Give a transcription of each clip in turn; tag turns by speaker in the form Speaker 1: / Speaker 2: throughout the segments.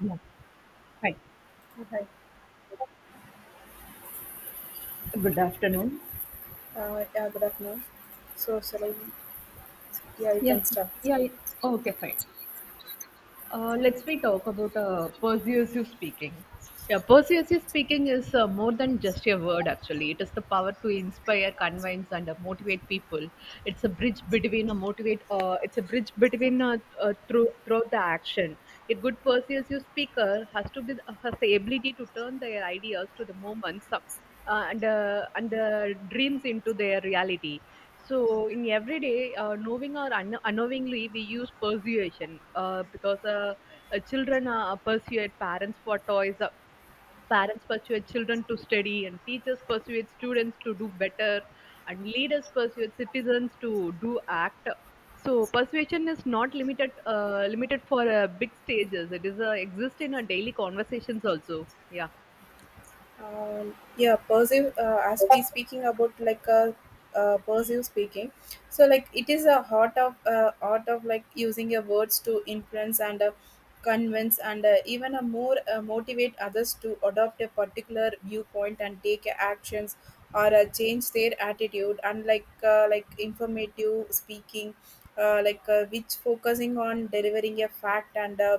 Speaker 1: Yeah. Hi.
Speaker 2: Hi.
Speaker 1: Good afternoon.
Speaker 2: Yeah, good afternoon. So, Salim, yeah, you
Speaker 1: Yeah,
Speaker 2: can start.
Speaker 1: yeah, yeah. Okay, fine. Let's we talk about persuasive speaking. Yeah, persuasive speaking is more than just a word, actually. It is the power to inspire, convince, and motivate people. It's a bridge between a motivate. It's a bridge between through throughout the action. A good persuasive speaker has to be has the ability to turn their ideas to the moments. And the dreams into their reality. So in everyday, knowing or unknowingly, we use persuasion because children persuade parents for toys. Parents persuade children to study, and teachers persuade students to do better, and leaders persuade citizens to do act. So persuasion is not limited limited for big stages. It is exist in our daily conversations also. Yeah.
Speaker 2: Yeah, perceive, as we speaking about like a perceive speaking, so like it is a heart of art of like using your words to influence and convince and even a more motivate others to adopt a particular viewpoint and take actions or change their attitude. Unlike like informative speaking, like which focusing on delivering a fact and uh,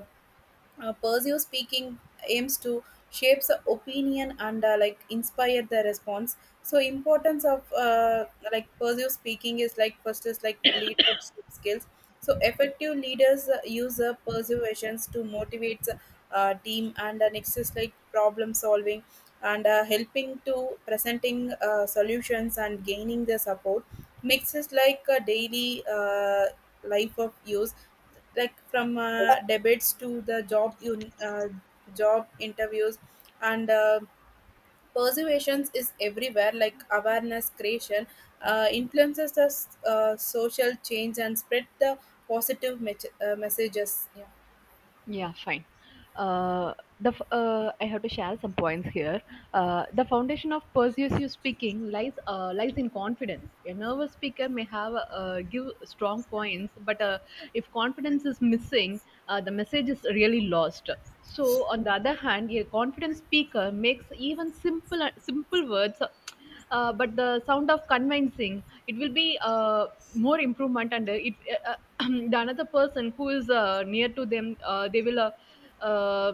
Speaker 2: uh, Pursue Speaking aims to shapes the opinion and like inspire the response. So importance of like Pursue Speaking is like first is like leadership skills. So effective leaders use persuasions to motivate the team and next is like problem solving and helping to presenting solutions and gaining the support. Mix is like a daily life of use like from debates to the job job interviews and persuasions is everywhere like awareness creation influences the social change and spread the positive messages yeah.
Speaker 1: Yeah, fine. Uh, I have to share some points here. The foundation of persuasive speaking lies lies in confidence. A nervous speaker may have give strong points, but if confidence is missing, the message is really lost. So, on the other hand, a confident speaker makes even simple words but the sound of convincing it will be more improvement and it uh, the another person who is near to them they will uh,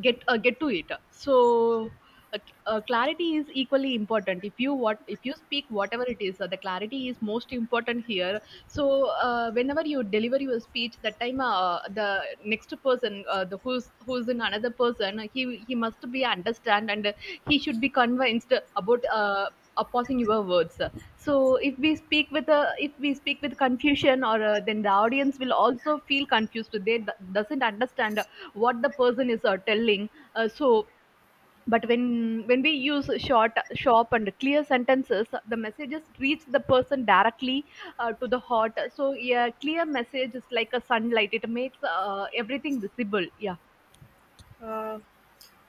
Speaker 1: get to it. So clarity is equally important. If you what if you speak whatever it is, the clarity is most important here. So whenever you deliver your speech, that time the next person, the who's in another person, he must be understand and he should be convinced about opposing your words. So if we speak with a if we speak with confusion or then the audience will also feel confused. They doesn't understand what the person is telling. So but when we use short sharp and clear sentences, the messages reach the person directly to the heart. So yeah, clear message is like a sunlight. It makes everything visible. Yeah.
Speaker 2: Uh,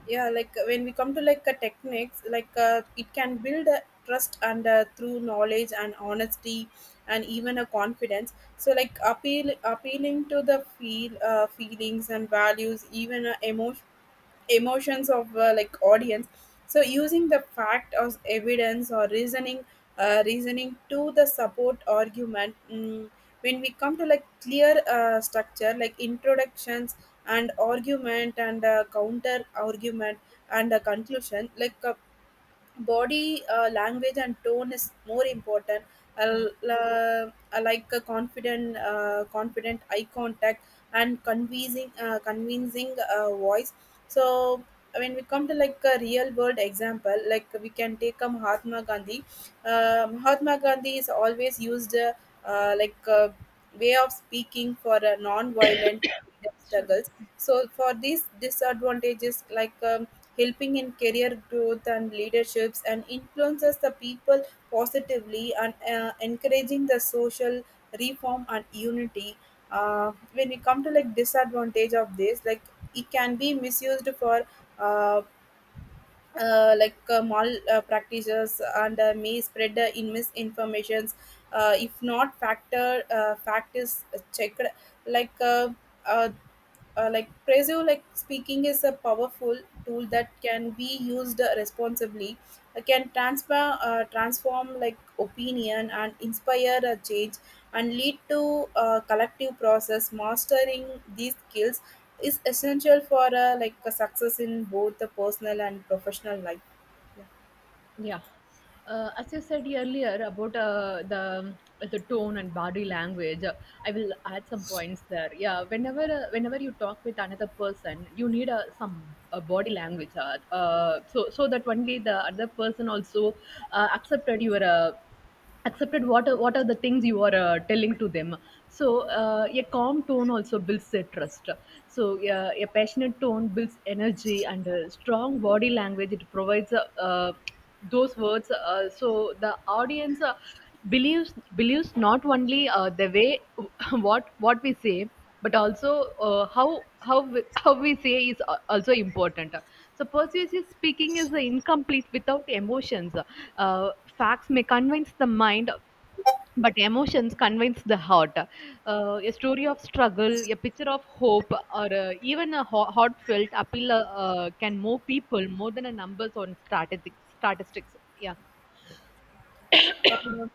Speaker 2: yeah, like when we come to like techniques like it can build a trust and through knowledge and honesty and even a confidence, so like appealing to the feelings and values, even emotions of like audience, so using the fact as evidence or reasoning to the support argument. Mm, when we come to like clear structure like introductions and argument and counter argument and a conclusion like body language and tone is more important.
Speaker 1: Yeah.
Speaker 2: I like a confident eye contact and convincing voice. So when we come to like a real world example, like we can take a Mahatma Gandhi is always used like way of speaking for non-violent
Speaker 1: Sorry.
Speaker 2: struggles. So for these disadvantages, like helping in career growth and leaderships and influences the people positively and encouraging the social reform and unity. When we come to like disadvantage of this, like it can be misused for uh, like mal practices and may spread in misinformations if not fact is checked. Like uh, like Prezo, like speaking is a powerful tool that can be used responsibly. It can transform like opinion and inspire a change and lead to a collective process. Mastering these skills is essential for like a success in both the personal and professional life. Yeah.
Speaker 1: Yeah. As you said earlier about the the tone and body language, I will add some points there. Yeah, whenever whenever you talk with another person, you need some body language, so so that only the other person also accepted your accepted what are the things you are telling to them. So a calm tone also builds their trust. So a passionate tone builds energy and a strong body language, it provides uh, those words. So the audience believes believes not only the way what we say, but also how we, how we say is also important. So persuasive speaking is incomplete without emotions. uh, Facts may convince the mind, but emotions convince the heart. A story of struggle, a picture of hope, or even a heartfelt appeal can move people more than a numbers on statistic, statistics. Yeah.
Speaker 2: Uh,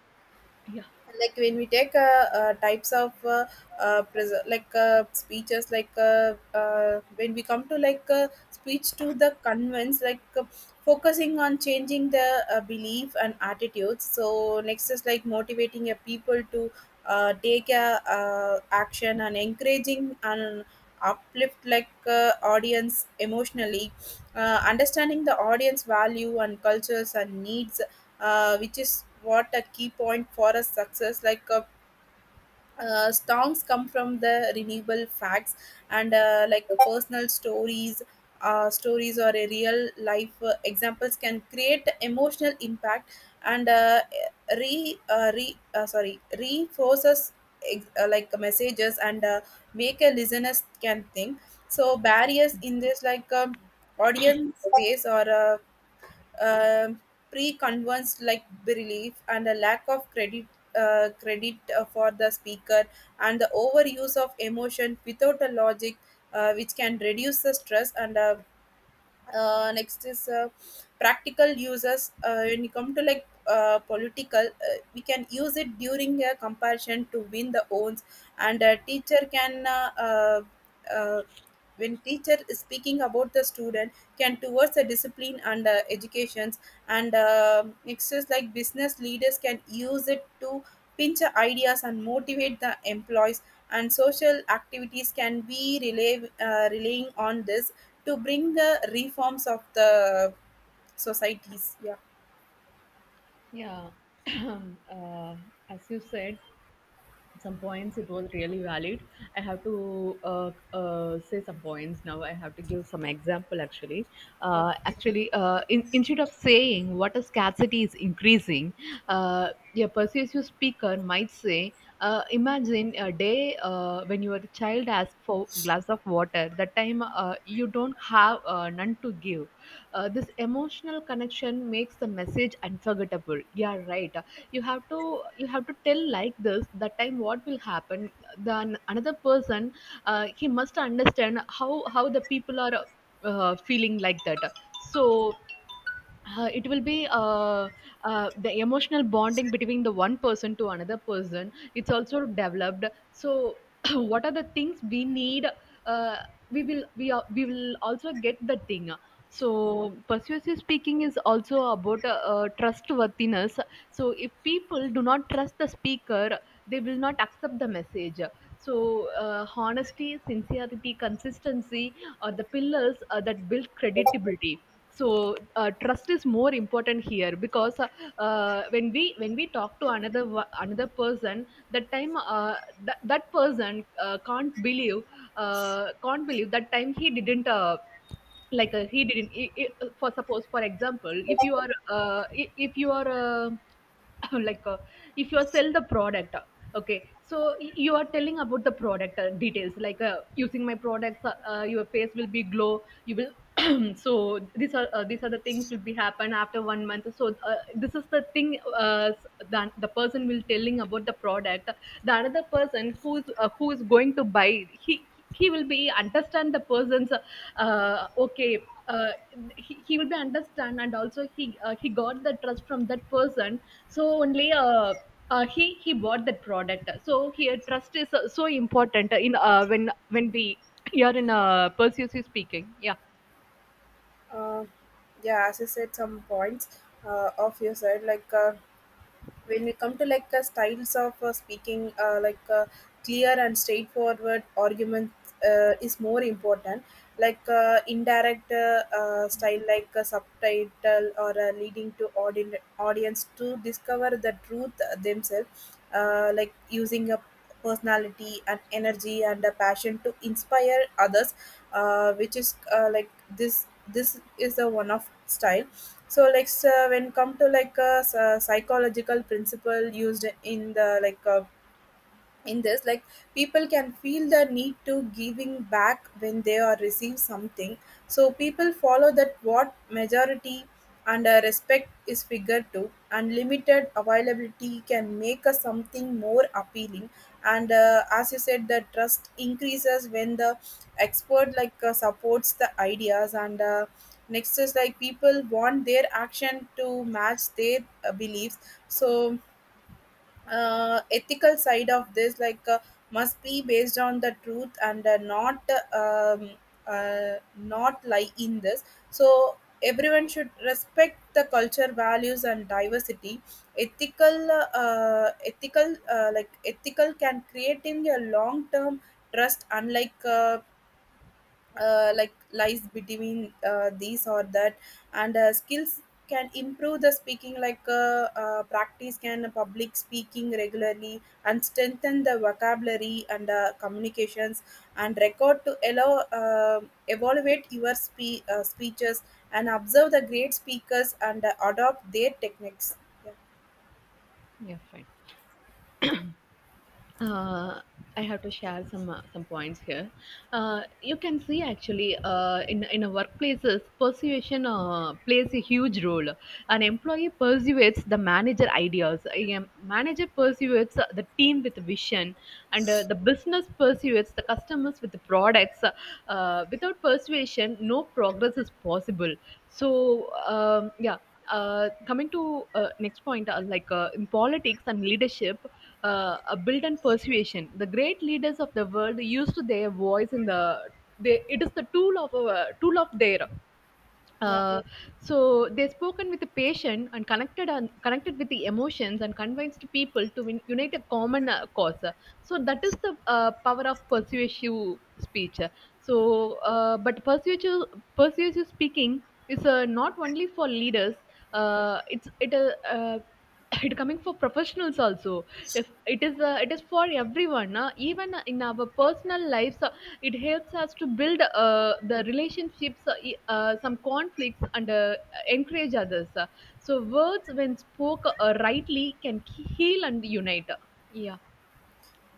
Speaker 1: Yeah,
Speaker 2: like when we take types of like speeches, like when we come to like speech to the convince, like focusing on changing the belief and attitudes. So next is like motivating a people to take a action and encouraging and uplift like audience emotionally, understanding the audience value and cultures and needs, which is what a key point for a success. Like songs come from the renewable facts and like personal stories or a real life examples can create emotional impact and re re sorry, reinforces like messages and make a listeners can think. So barriers in this, like audience space or um, pre-convinced like belief and a lack of credit for the speaker and the overuse of emotion without a logic, which can reduce the stress and next is practical uses. When you come to like political, we can use it during a comparison to win the owns, and a teacher can uh, when teacher is speaking about the student can towards the discipline and educations. And next is like business leaders can use it to pinch ideas and motivate the employees, and social activities can be relying on this to bring the reforms of the societies. Yeah.
Speaker 1: yeah. uh, as you said, some points it was really valid. I have to say some points. Now I have to give some example, actually. Actually instead of saying what a scarcity is increasing, uh, a persuasive speaker might say, imagine a day when your child asks for glass of water, that time you don't have none to give. This emotional connection makes the message unforgettable, yeah, right. You have to tell like this. That time what will happen? Then another person, he must understand how the people are feeling like that. So it will be the emotional bonding between the one person to another person, it's also developed. So what are the things we need? uh, we will we will also get the thing. So persuasive speaking is also about trustworthiness. So if people do not trust the speaker, they will not accept the message. So, honesty, sincerity, consistency are the pillars that build credibility. So, trust is more important here because when we talk to another another person, that time that that person can't believe, can't believe. That time he didn't he didn't I for suppose, for example, if you are if you are like uh, if you are sell the product. Okay, so you are telling about the product details like using my products, your face will be glow, you will so these are the things will be happen after 1 month. So this is the thing uh, that the person will telling about the product. The another person who's who is going to buy, he he will be understand the person's okay. He will be understand, and also he got the trust from that person. So only he bought that product. So here trust is so important in when we here in persuasive speaking. Yeah.
Speaker 2: uh, yeah, as you said some points of your side, like when we come to like styles of speaking, like clear and straightforward argument is more important. Like indirect style like a subtitle or leading to audi- audience to discover the truth themselves. Like using a personality and energy and a passion to inspire others, which is like this is the one of style. So like, so when come to like a psychological principle used in the like in this, like people can feel the need to giving back when they are receive something. So people follow that what majority, and respect is figured to unlimited availability can make a something more appealing. And as you said, the trust increases when the expert like supports the ideas. And next is like people want their action to match their beliefs. So ethical side of this, like must be based on the truth and not um, not lie in this. So everyone should respect the culture values and diversity. Ethical ethical Like ethical can create in your long term trust, unlike like lies between these or that. And skills can improve the speaking, like practice can public speaking regularly and strengthen the vocabulary and communications and record to allow evaluate your speeches and observe the great speakers and adopt their techniques. Yeah.
Speaker 1: Yeah, fine. uh, I have to share some points here. You can see actually in in a workplaces, persuasion plays a huge role. An employee persuades the manager ideas. A manager persuades the team with vision, and the business persuades the customers with the products. Without persuasion, no progress is possible. So yeah, coming to next point, in politics and leadership, uh, build and persuasion. The great leaders of the world used their voice in the. They, it is the tool of their
Speaker 2: Yeah.
Speaker 1: uh, so they spoken with the patient and connected with the emotions and convinced people to win, unite a common cause. So that is the power of persuasive speech. So, but persuasive speaking is not only for leaders. It's it it coming for professionals also. If it is it is for everyone. Even in our personal lives, it helps us to build the relationships, some conflicts and encourage others. So words when spoke rightly can heal and unite. Yeah.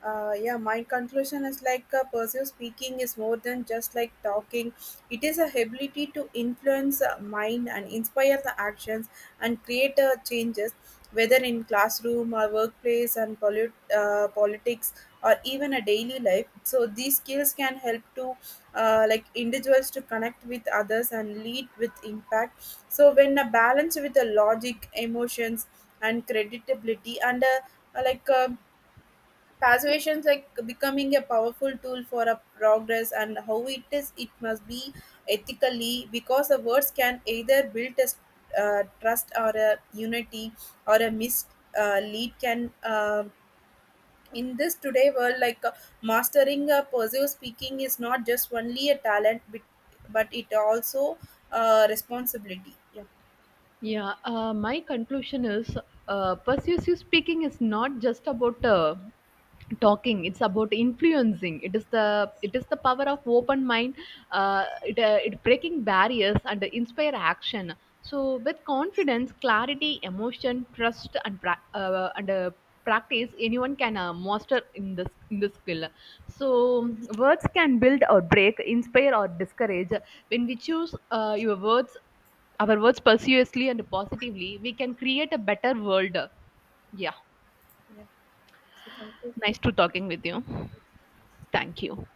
Speaker 2: Yeah, my conclusion is like persuasive speaking is more than just like talking. It is a ability to influence mind and inspire the actions and create changes, whether in classroom or workplace and politics or even a daily life. So these skills can help to like individuals to connect with others and lead with impact. So when a balance with the logic emotions and credibility and like persuasion is like becoming a powerful tool for a progress, and how it is, it must be ethically, because the words can either build a trust or a unity or a mislead lead can in this today world, like mastering a persuasive speaking is not just only a talent, but it also responsibility. Yeah.
Speaker 1: Yeah, my conclusion is persuasive speaking is not just about talking; it's about influencing. It is the power of open mind. It, it breaking barriers and inspire action. So with confidence, clarity, emotion, trust, and practice, anyone can master in this skill. So words can build or break, inspire or discourage. When we choose your words our words persuasively and positively, we can create a better world. Yeah.
Speaker 2: Yeah, so thank you.
Speaker 1: Nice to talking with you. Thank you.